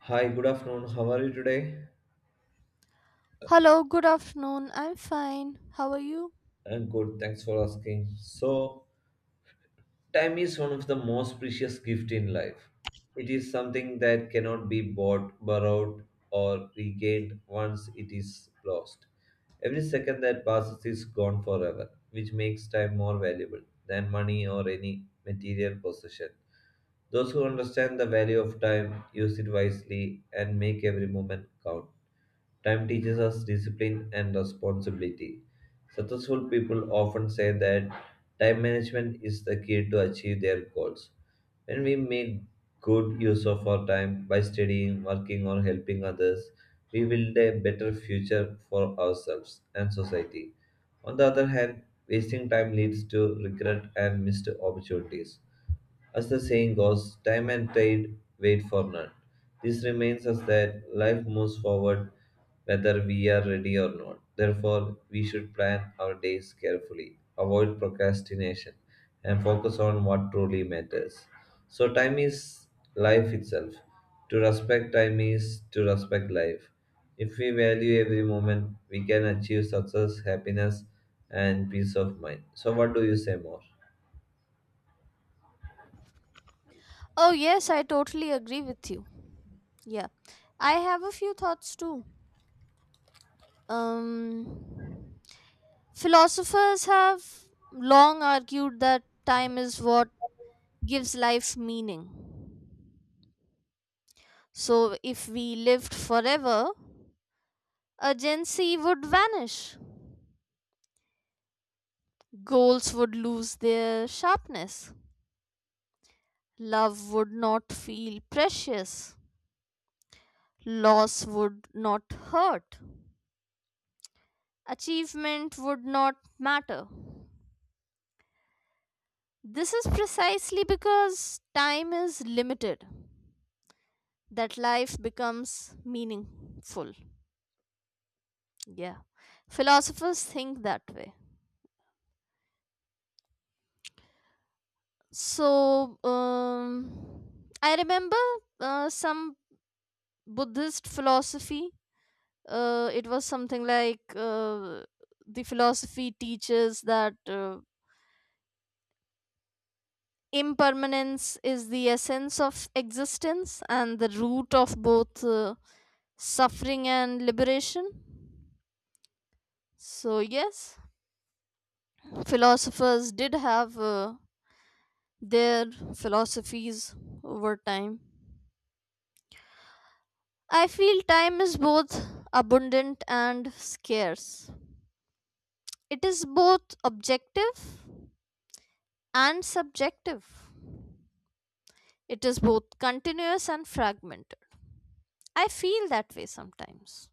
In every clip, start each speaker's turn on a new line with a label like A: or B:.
A: Hi, good afternoon. How are you today?
B: Hello, good afternoon. I'm fine. How are you?
A: I'm good. Thanks for asking. So, time is one of the most precious gift in life. It is something that cannot be bought, borrowed, or regained once it is lost. Every second that passes is gone forever, which makes time more valuable than money or any material possession. Those who understand the value of time use it wisely and make every moment count. Time teaches us discipline and responsibility. Successful people often say that time management is the key to achieve their goals. When we make good use of our time by studying, working, or helping others, we build a better future for ourselves and society. On the other hand, wasting time leads to regret and missed opportunities. As the saying goes, time and tide wait for none. This reminds us that life moves forward whether we are ready or not. Therefore, we should plan our days carefully, avoid procrastination, and focus on what truly matters. So, time is life itself. To respect time is to respect life. If we value every moment, we can achieve success, happiness, and peace of mind. So, what do you say more?
B: Oh, yes, I totally agree with you. Yeah. I have a few thoughts too. Um philosophers have long argued that time is what gives life meaning. So if we lived forever, urgency would vanish. Goals would lose their sharpness. Love would not feel precious. Loss would not hurt. Achievement would not matter. This is precisely because time is limited that life becomes meaningful. Yeah, philosophers think that way. So, I remember some Buddhist philosophy. It was something like the philosophy teaches that impermanence is the essence of existence and the root of both. Suffering and liberation. So, yes, philosophers did have their philosophies over time. I feel time is both abundant and scarce. It is both objective and subjective. It is both continuous and fragmented. I feel that way sometimes.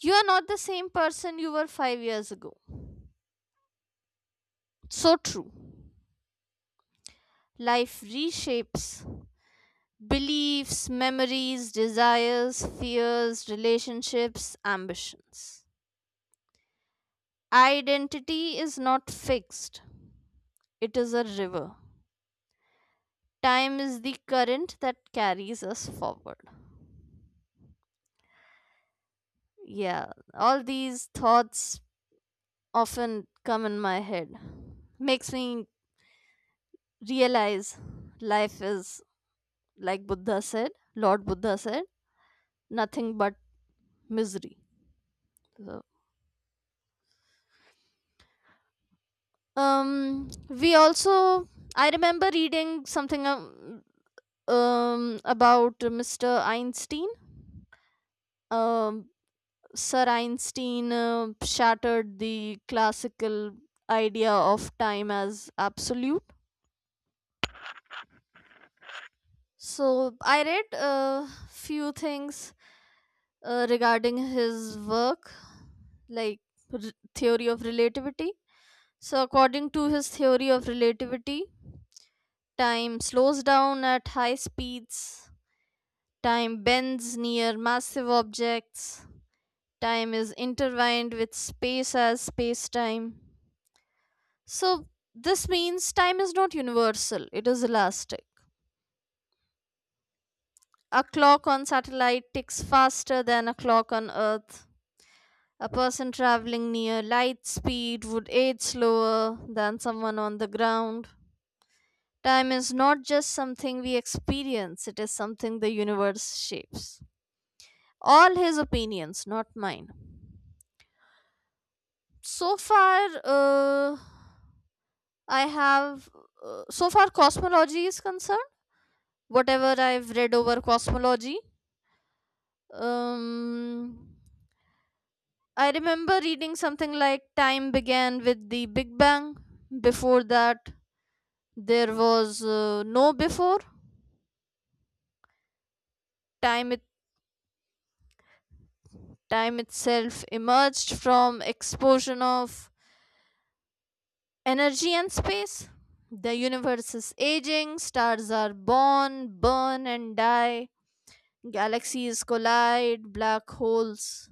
B: You are not the same person you were 5 years ago. So true. Life reshapes beliefs, memories, desires, fears, relationships, ambitions. Identity is not fixed, it is a river. Time is the current that carries us forward. Yeah, all these thoughts often come in my head. Makes me realize life is, like Buddha said, Lord Buddha said, nothing but misery. So, we also I remember reading something. About Mr. Einstein. Um, Sir Einstein shattered the classical idea of time as absolute. So I read a few things regarding his work, like r- theory of relativity. So according to his theory of relativity, time slows down at high speeds. Time bends near massive objects. Time is intertwined with space as space time. So, this means time is not universal, it is elastic. A clock on satellite ticks faster than a clock on Earth. A person traveling near light speed would age slower than someone on the ground. Time is not just something we experience, it is something the universe shapes. All his opinions, not mine. So far, I have, so far, cosmology is concerned. Whatever I've read over cosmology, um, I remember reading something like time began with the Big Bang. Before that, there was no before. Time it time itself emerged from explosion of energy and space. The universe is aging. Stars are born, burn, and die. Galaxies collide. Black holes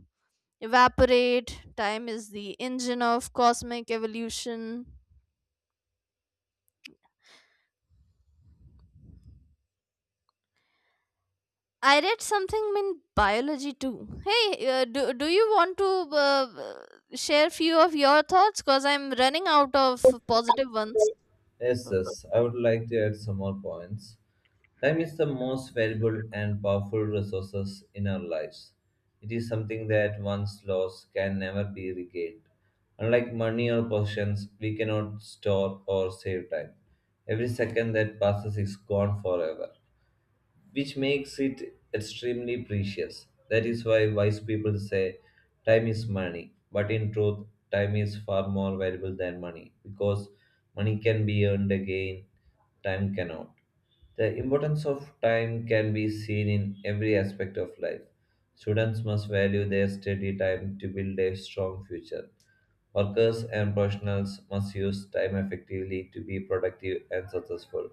B: evaporate. Time is the engine of cosmic evolution. I read something in biology too. Hey, do you want to uh, share few of your thoughts? Because I'm running out of positive ones.
A: Yes,
B: So,
A: yes, I would like to add some more points. Time is the most valuable and powerful resources in our lives. It is something that once lost can never be regained. Unlike money or possessions, we cannot store or save time. Every second that passes is gone forever, which makes it extremely precious. That is why wise people say time is money, but in truth, time is far more valuable than money because money can be earned again, time cannot. The importance of time can be seen in every aspect of life. Students must value their study time to build a strong future. Workers and professionals must use time effectively to be productive and successful.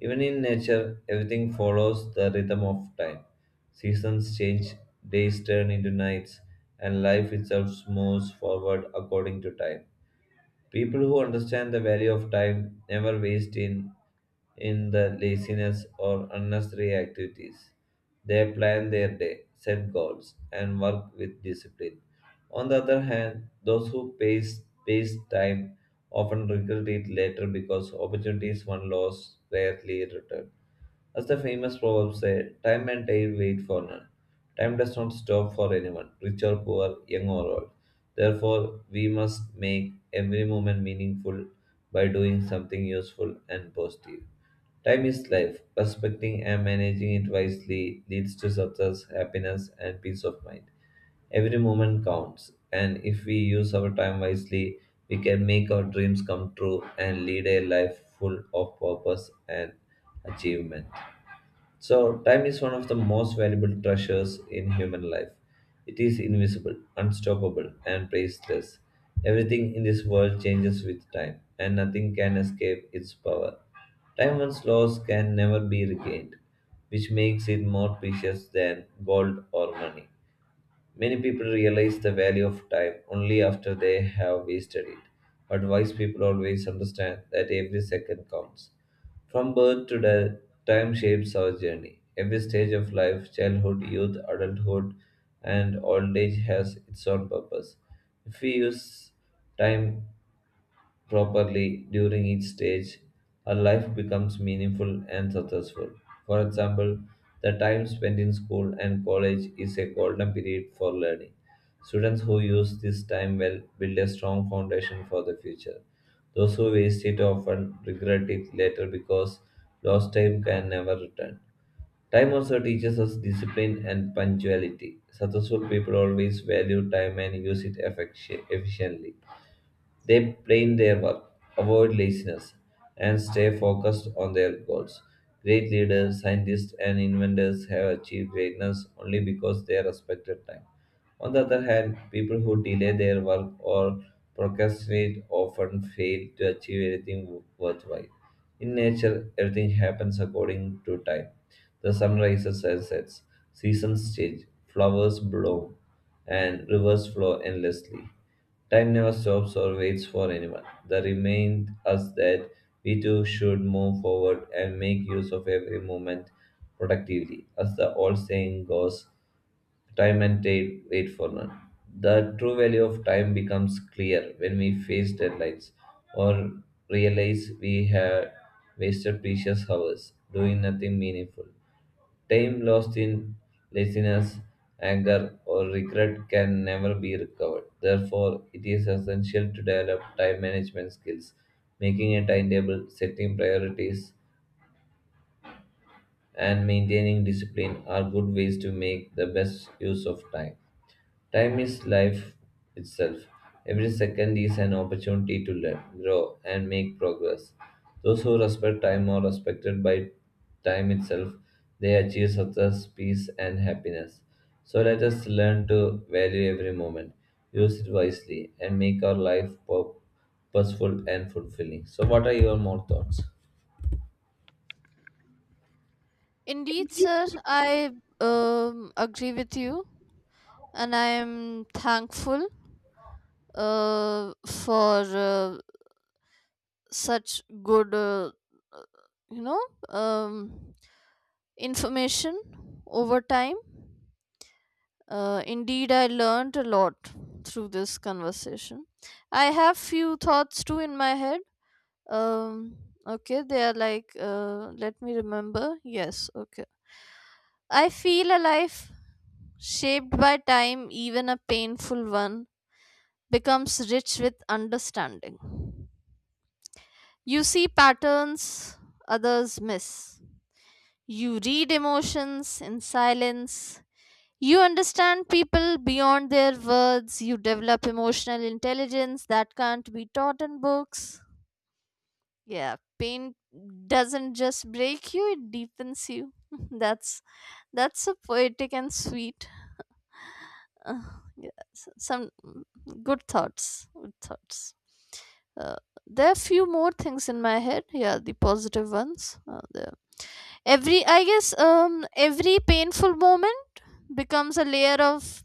A: Even in nature, everything follows the rhythm of time. Seasons change, days turn into nights, and life itself moves forward according to time. People who understand the value of time never waste in the laziness or unnecessary activities. They plan their day, set goals, and work with discipline. On the other hand, those who pace time often regret it later because opportunities one lost rarely return. As the famous proverb said, time and tide wait for none. Time does not stop for anyone, rich or poor, young or old. Therefore, we must make every moment meaningful by doing something useful and positive. Time is life. Respecting and managing it wisely leads to success, happiness, and peace of mind. Every moment counts, and if we use our time wisely, we can make our dreams come true and lead a life full of purpose and achievement. So, time is one of the most valuable treasures in human life. It is invisible, unstoppable, and priceless. Everything in this world changes with time, and nothing can escape its power. Time once lost can never be regained, which makes it more precious than gold or money. Many people realize the value of time only after they have wasted it, but wise people always understand that every second counts. From birth to death, time shapes our journey. Every stage of life, childhood, youth, adulthood, and old age has its own purpose. If we use time properly during each stage, our life becomes meaningful and successful. For example, the time spent in school and college is a golden period for learning. Students who use this time well build a strong foundation for the future. Those who waste it often regret it later because lost time can never return. Time also teaches us discipline and punctuality. Successful people always value time and use it efficiently. They plan their work, avoid laziness, and stay focused on their goals. Great leaders, scientists, and inventors have achieved greatness only because they respected time. On the other hand, people who delay their work or procrastinate often fail to achieve anything worthwhile. In nature, everything happens according to time. The sun rises and sets, seasons change, flowers bloom, and rivers flow endlessly. Time never stops or waits for anyone. That reminds us that we too should move forward and make use of every moment productively. As the old saying goes, time and tide wait for none. The true value of time becomes clear when we face deadlines or realize we have wasted precious hours doing nothing meaningful. Time lost in laziness, anger, or regret can never be recovered. Therefore, it is essential to develop time management skills. Making a timetable, setting priorities, and maintaining discipline are good ways to make the best use of time. Time is life itself. Every second is an opportunity to learn, grow, and make progress. Those who respect time are respected by time itself. They achieve success, peace, and happiness. So let us learn to value every moment, use it wisely, and make our life purposeful and fulfilling. So, what are your more thoughts?
B: indeed, sir, I agree with you, and I am thankful for such good, you know, um, information over time. Indeed, I learned a lot through this conversation. I have few thoughts too in my head. Um, okay, they are like, let me remember. Yes, okay. I feel a life shaped by time, even a painful one, becomes rich with understanding. You see patterns others miss. You read emotions in silence. You understand people beyond their words, you develop emotional intelligence that can't be taught in books. Yeah, pain doesn't just break you, it deepens you. that's that's so poetic and sweet. Uh, yeah, some good thoughts, good thoughts. Uh, there are few more things in my head. Yeah, the positive ones. Every I guess every painful moment becomes a layer of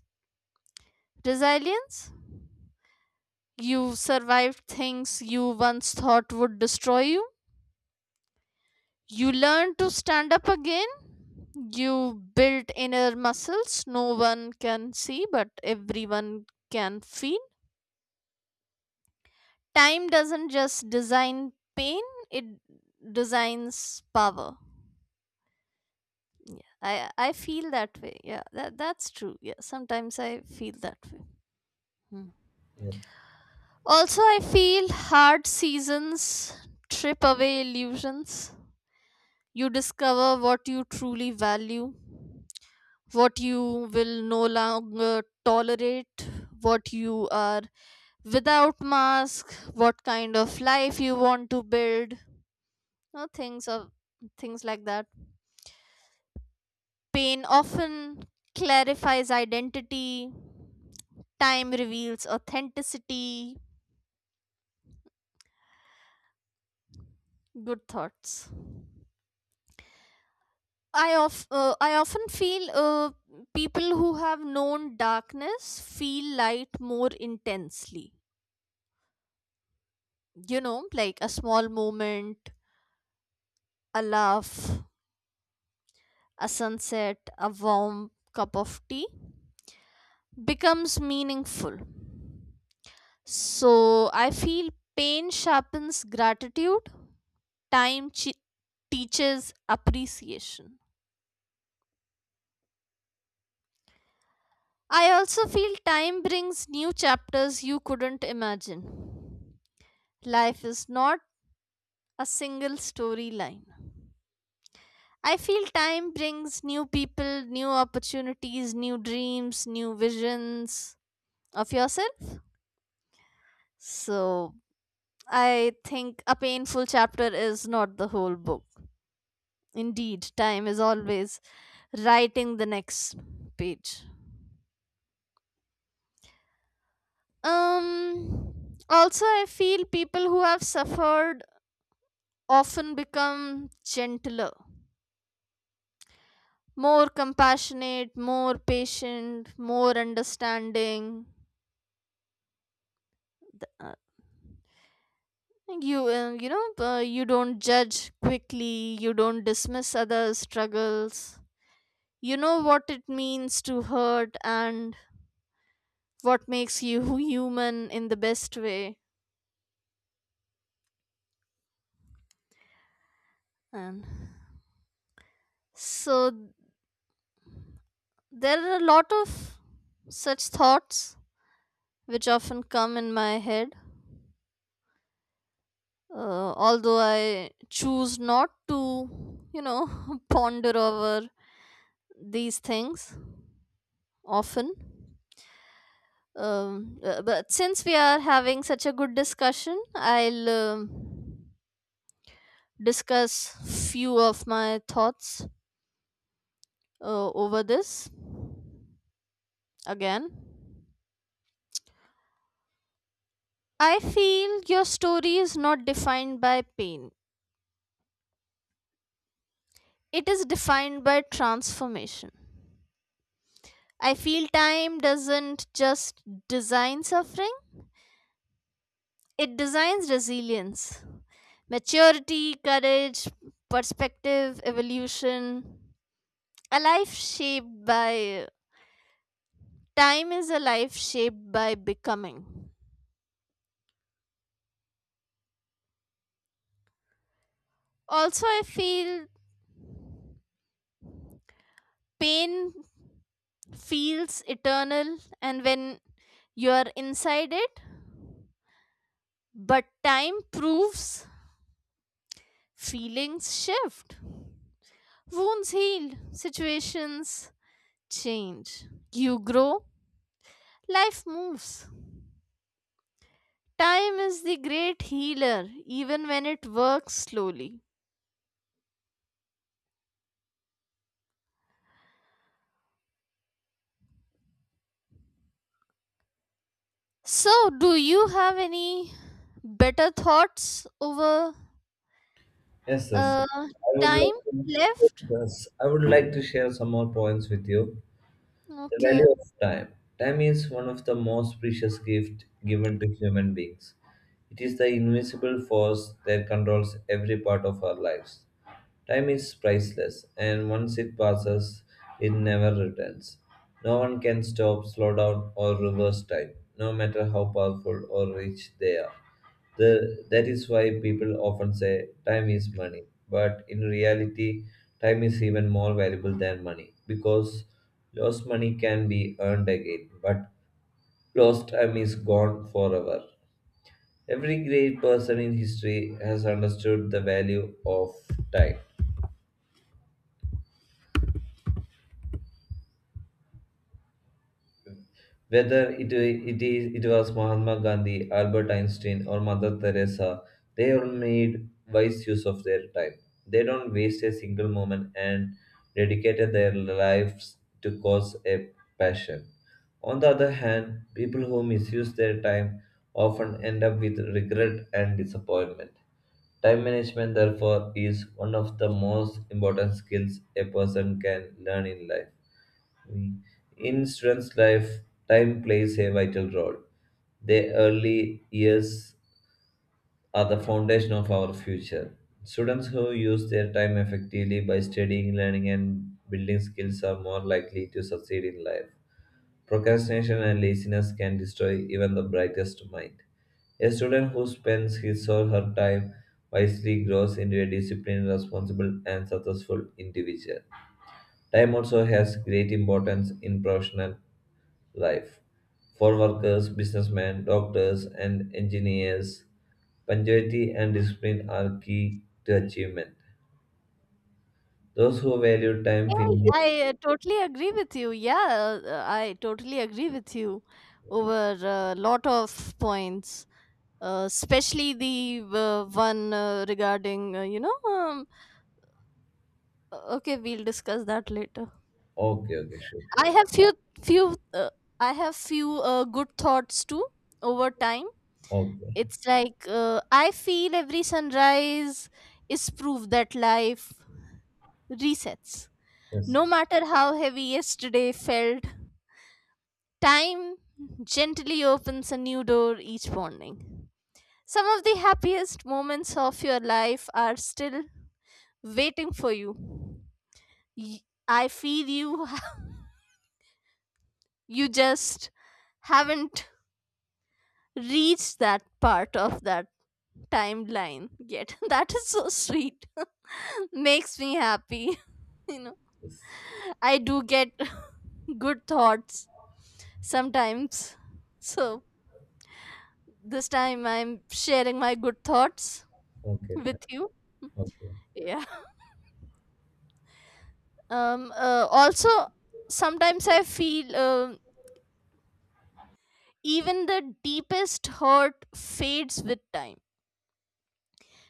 B: resilience. You survived things you once thought would destroy you. You learned to stand up again. You built inner muscles no one can see, but everyone can feel. Time doesn't just design pain, it designs power. I feel that way. Yeah, that's true. Yeah, sometimes I feel that way. Hmm.
A: Yes.
B: Also, I feel hard seasons trip away illusions. You discover what you truly value, what you will no longer tolerate, what you are without mask, what kind of life you want to build, no things of things like that. Pain often clarifies identity, time reveals authenticity. Good thoughts. I often feel people who have known darkness feel light more intensely. Like a small moment, a laugh, a sunset, a warm cup of tea becomes meaningful. So I feel pain sharpens gratitude, time chi teaches appreciation. I also feel time brings new chapters you couldn't imagine. Life is not a single storyline. I feel time brings new people, new opportunities, new dreams, new visions of yourself. So I think a painful chapter is not the whole book. Indeed, time is always writing the next page. Um also, I feel people who have suffered often become gentler, more compassionate, more patient, more understanding. Uh, you don't judge quickly, you don't dismiss others' struggles. You know what it means to hurt and what makes you human in the best way. And so there are a lot of such thoughts which often come in my head. Although I choose not to, ponder over these things often. But since we are having such a good discussion, I'll discuss few of my thoughts over this again. I feel your story is not defined by pain. It is defined by transformation. I feel time doesn't just design suffering, it designs resilience. Maturity, courage, perspective, evolution. A life shaped by time is a life shaped by becoming. Also, I feel pain feels eternal, and when you are inside it, but time proves feelings shift, wounds heal, situations change. You grow, life moves. Time is the great healer, even when it works slowly. So, do you have any better thoughts over?
A: Yes, yes.
B: Uh,
A: I would
B: time
A: like to,
B: left.
A: yes, I would like to share some more points with you. The
B: Okay.
A: value of time. Time is one of the most precious gifts given to human beings. It is the invisible force that controls every part of our lives. Time is priceless, and once it passes, it never returns. No one can stop, slow down, or reverse time, no matter how powerful or rich they are. That is why people often say time is money. But in reality, time is even more valuable than money because lost money can be earned again, but lost time is gone forever. Every great person in history has understood the value of time. Whether it was Mahatma Gandhi, Albert Einstein, or Mother Teresa, they all made wise use of their time. They don't waste a single moment and dedicated their lives to cause a passion. On the other hand, people who misuse their time often end up with regret and disappointment. Time management, therefore, is one of the most important skills a person can learn in life. In students' life, time plays a vital role. Their early years are the foundation of our future. Students who use their time effectively by studying, learning, and building skills are more likely to succeed in life. Procrastination and laziness can destroy even the brightest mind. A student who spends his or her time wisely grows into a disciplined, responsible, and successful individual. Time also has great importance in professional life for workers, businessmen, doctors, and engineers. Punctuality and discipline are key to achievement. Those who value time
B: Hey,
A: finish.
B: I totally agree with you. Yeah, I totally agree with you over a lot of points, especially the one regarding. Okay, we'll discuss that later.
A: Okay, okay, sure, sure.
B: I have few. I have few good thoughts too over time.
A: Okay.
B: It's like I feel every sunrise is proof that life resets.
A: Yes,
B: No
A: yes,
B: matter how heavy yesterday felt, time gently opens a new door each morning. Some of the happiest moments of your life are still waiting for you. Y- I feel you you just haven't reached that part of that timeline yet. That is so sweet. Makes me happy. You know,
A: yes.
B: I do get good thoughts sometimes. So, this time I'm sharing my good thoughts
A: Okay, fine.
B: with you.
A: Okay.
B: Yeah. Also, sometimes I feel even the deepest hurt fades with time.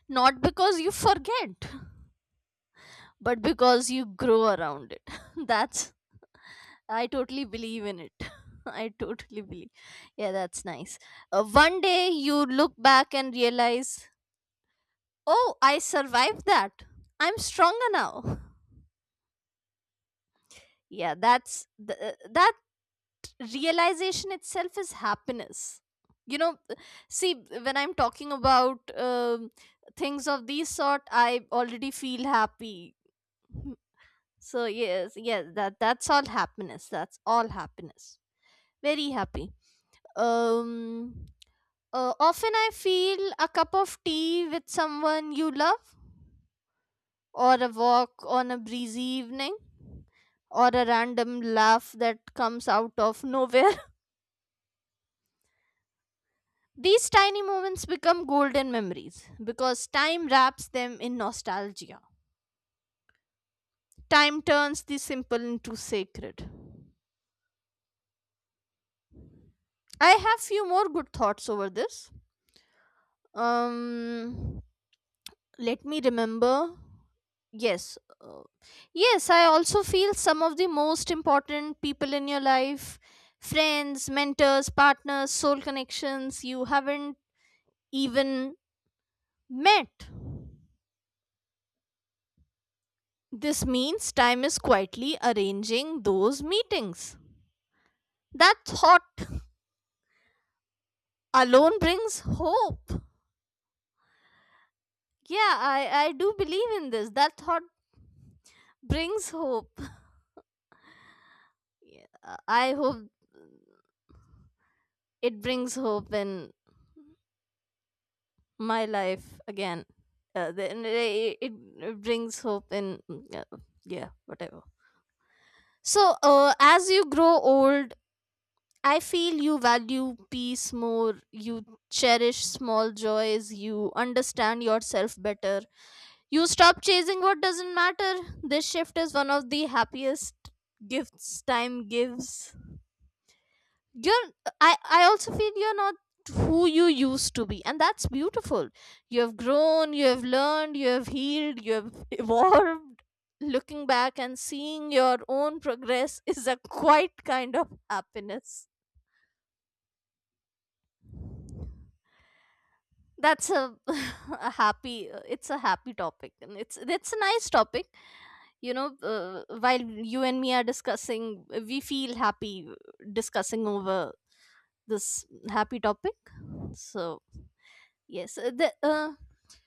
B: Not because you forget, but because you grow around it. That's, I totally believe in it. I totally believe. Yeah, that's nice. One day you look back and realize, oh, I survived that. I'm stronger now. Yeah, that's that realization itself is happiness. you know See, when I'm talking about things of these sort I already feel happy. Hmm, so yes, yes, that's all happiness, that's all happiness, very happy. Um uh, often I feel a cup of tea with someone you love or a walk on a breezy evening or a random laugh that comes out of nowhere. These tiny moments become golden memories because time wraps them in nostalgia. Time turns the simple into sacred. I have few more good thoughts over this. Um let me remember. Yes. uh, yes, I also feel some of the most important people in your life, friends, mentors, partners, soul connections you haven't even met. This means time is quietly arranging those meetings. That thought alone brings hope. Yeah, I do believe in this. That thought brings hope. Yeah, I hope it brings hope in my life again. Then it brings hope in yeah, whatever. So as you grow old, I feel you value peace more. You cherish small joys. You understand yourself better. You stop chasing what doesn't matter. This shift is one of the happiest gifts time gives. You're I also feel you're not who you used to be, and that's beautiful. You have grown, you have learned, you have healed, you have evolved. Looking back and seeing your own progress is a quite kind of happiness. That's a, a happy. It's a happy topic, and it's a nice topic. While you and me are discussing, we feel happy discussing over this happy topic. So yes, the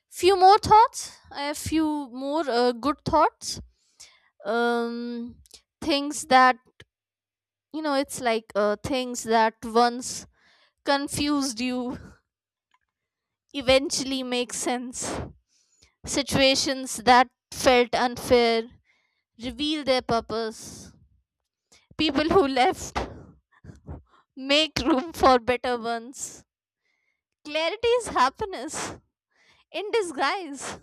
B: few more thoughts, I have few more good thoughts. um Things that it's like things that once confused you eventually make sense. Situations that felt unfair reveal their purpose. People who left make room for better ones. Clarity is happiness in disguise.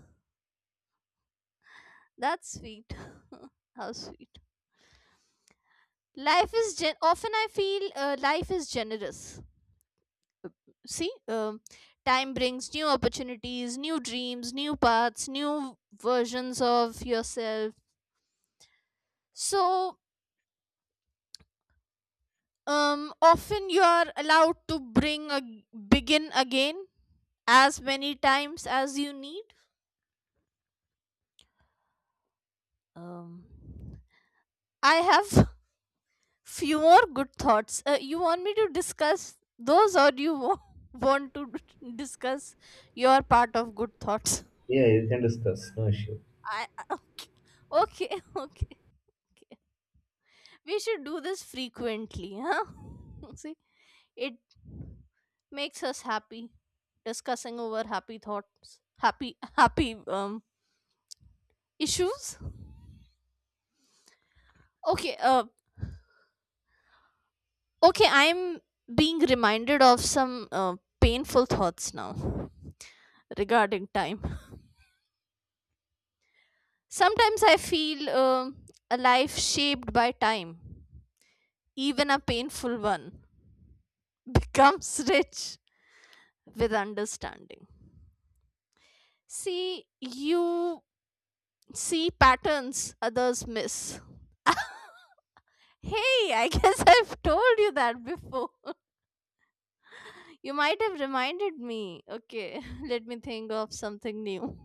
B: That's sweet. How sweet. Often I feel life is generous. See, time brings new opportunities, new dreams, new paths, new versions of yourself. So, often you are allowed to bring a begin again as many times as you need. Um, I have few more good thoughts. You want me to discuss those, or you want to discuss your part of good thoughts?
A: Yeah, you can discuss. No issue.
B: I okay, okay, okay. We should do this frequently, huh? See, it makes us happy discussing over happy thoughts, happy, happy issues. Okay, okay. I'm being reminded of some painful thoughts now regarding time. Sometimes I feel a life shaped by time, even a painful one, becomes rich with understanding. See, you see patterns others miss. Hey, I guess I've told you that before. You might have reminded me. Okay, let me think of something new.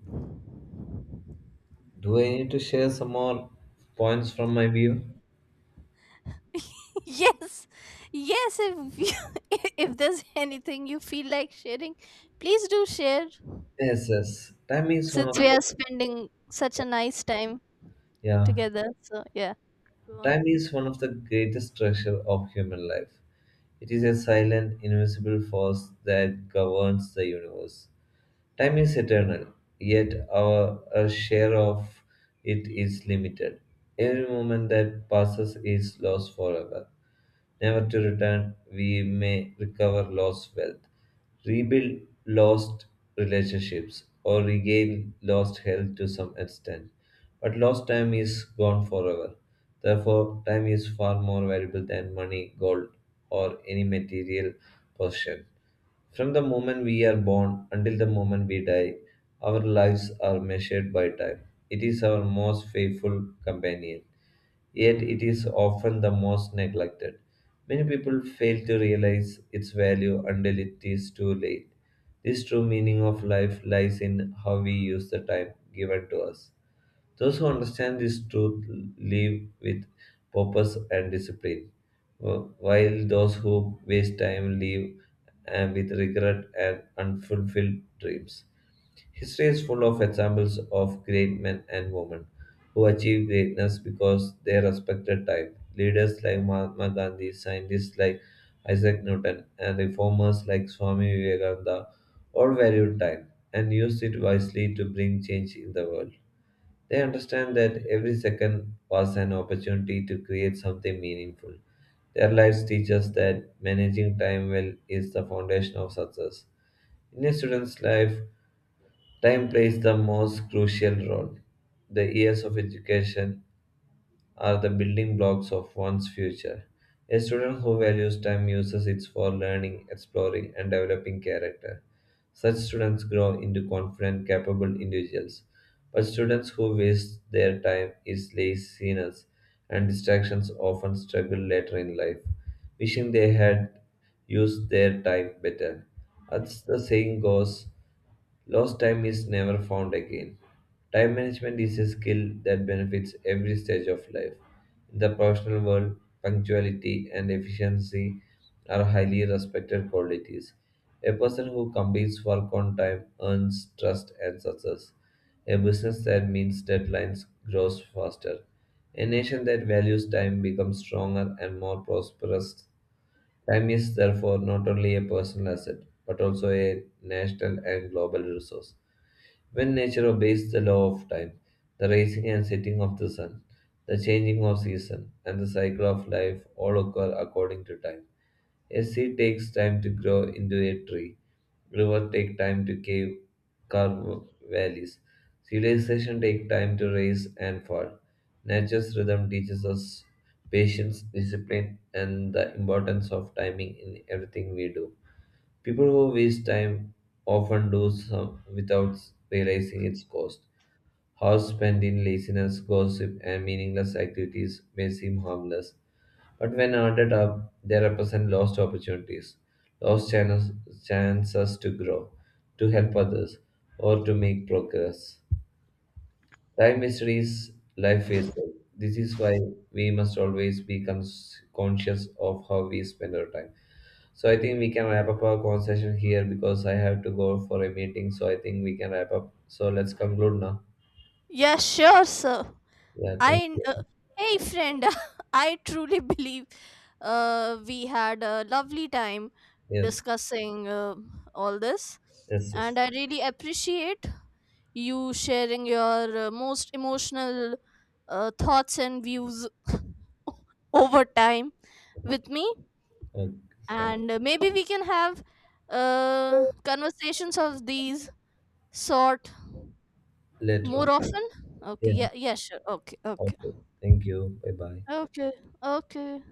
A: Do I need to share some more points from my view?
B: Yes, yes, if, you, if there's anything you feel like sharing, please do share.
A: Yes, yes. Time is one
B: Since
A: of
B: we
A: the
B: are spending such a nice time
A: yeah.
B: together. So yeah, go on.
A: Time is one of the greatest treasure of human life. It is a silent, invisible force that governs the universe. Time is eternal, yet our share of it is limited. Every moment that passes is lost forever, never to return. We may recover lost wealth, rebuild lost relationships, or regain lost health to some extent. But lost time is gone forever. Therefore, time is far more valuable than money, gold, or any material possession. From the moment we are born until the moment we die, our lives are measured by time. It is our most faithful companion, yet it is often the most neglected. Many people fail to realize its value until it is too late. This true meaning of life lies in how we use the time given to us. Those who understand this truth live with purpose and discipline, while those who waste time live with regret and unfulfilled dreams. History is full of examples of great men and women who achieved greatness because they respected time. Leaders like Mahatma Gandhi, scientists like Isaac Newton, and reformers like Swami Vivekananda all valued time and used it wisely to bring change in the world. They understand that every second was an opportunity to create something meaningful. Their lives teach us that managing time well is the foundation of success. In a student's life, time plays the most crucial role. The years of education are the building blocks of one's future. A student who values time uses it for learning, exploring, and developing character. Such students grow into confident, capable individuals. But students who waste their time is laziness, and distractions often struggle later in life, wishing they had used their time better. As the saying goes, lost time is never found again. Time management is a skill that benefits every stage of life. In the professional world, punctuality and efficiency are highly respected qualities. A person who completes work on time earns trust and success. A business that meets deadlines grows faster. A nation that values time becomes stronger and more prosperous. Time is therefore not only a personal asset but also a national and global resource. When nature obeys the law of time, the rising and setting of the sun, the changing of season, and the cycle of life all occur according to time. A seed takes time to grow into a tree. River take time to carve valleys. Civilization take time to rise and fall. Nature's rhythm teaches us patience, discipline, and the importance of timing in everything we do. People who waste time often do so without realizing its cost. Hours spent in laziness, gossip, and meaningless activities may seem harmless, but when added up, they represent lost opportunities, lost channels, chances to grow, to help others, or to make progress. Time mysteries, life wasted. This is why we must always be conscious of how we spend our time. So I think we can wrap up our conversation here because I have to go for a meeting. So I think we can wrap up. So let's conclude now.
B: Yeah, sure. So
A: Yeah, thank
B: I, uh,
A: you.
B: hey friend, I truly believe we had a lovely time
A: Yes,
B: discussing all this,
A: yes,
B: and
A: yes.
B: I really appreciate you sharing your most emotional thoughts and views over time with me,
A: Okay, fine.
B: and maybe we can have conversations of these sort
A: Later on.
B: more often? Okay,
A: Yeah,
B: yeah, yeah, sure. Okay, okay.
A: okay. Thank you. Bye bye.
B: Okay, okay.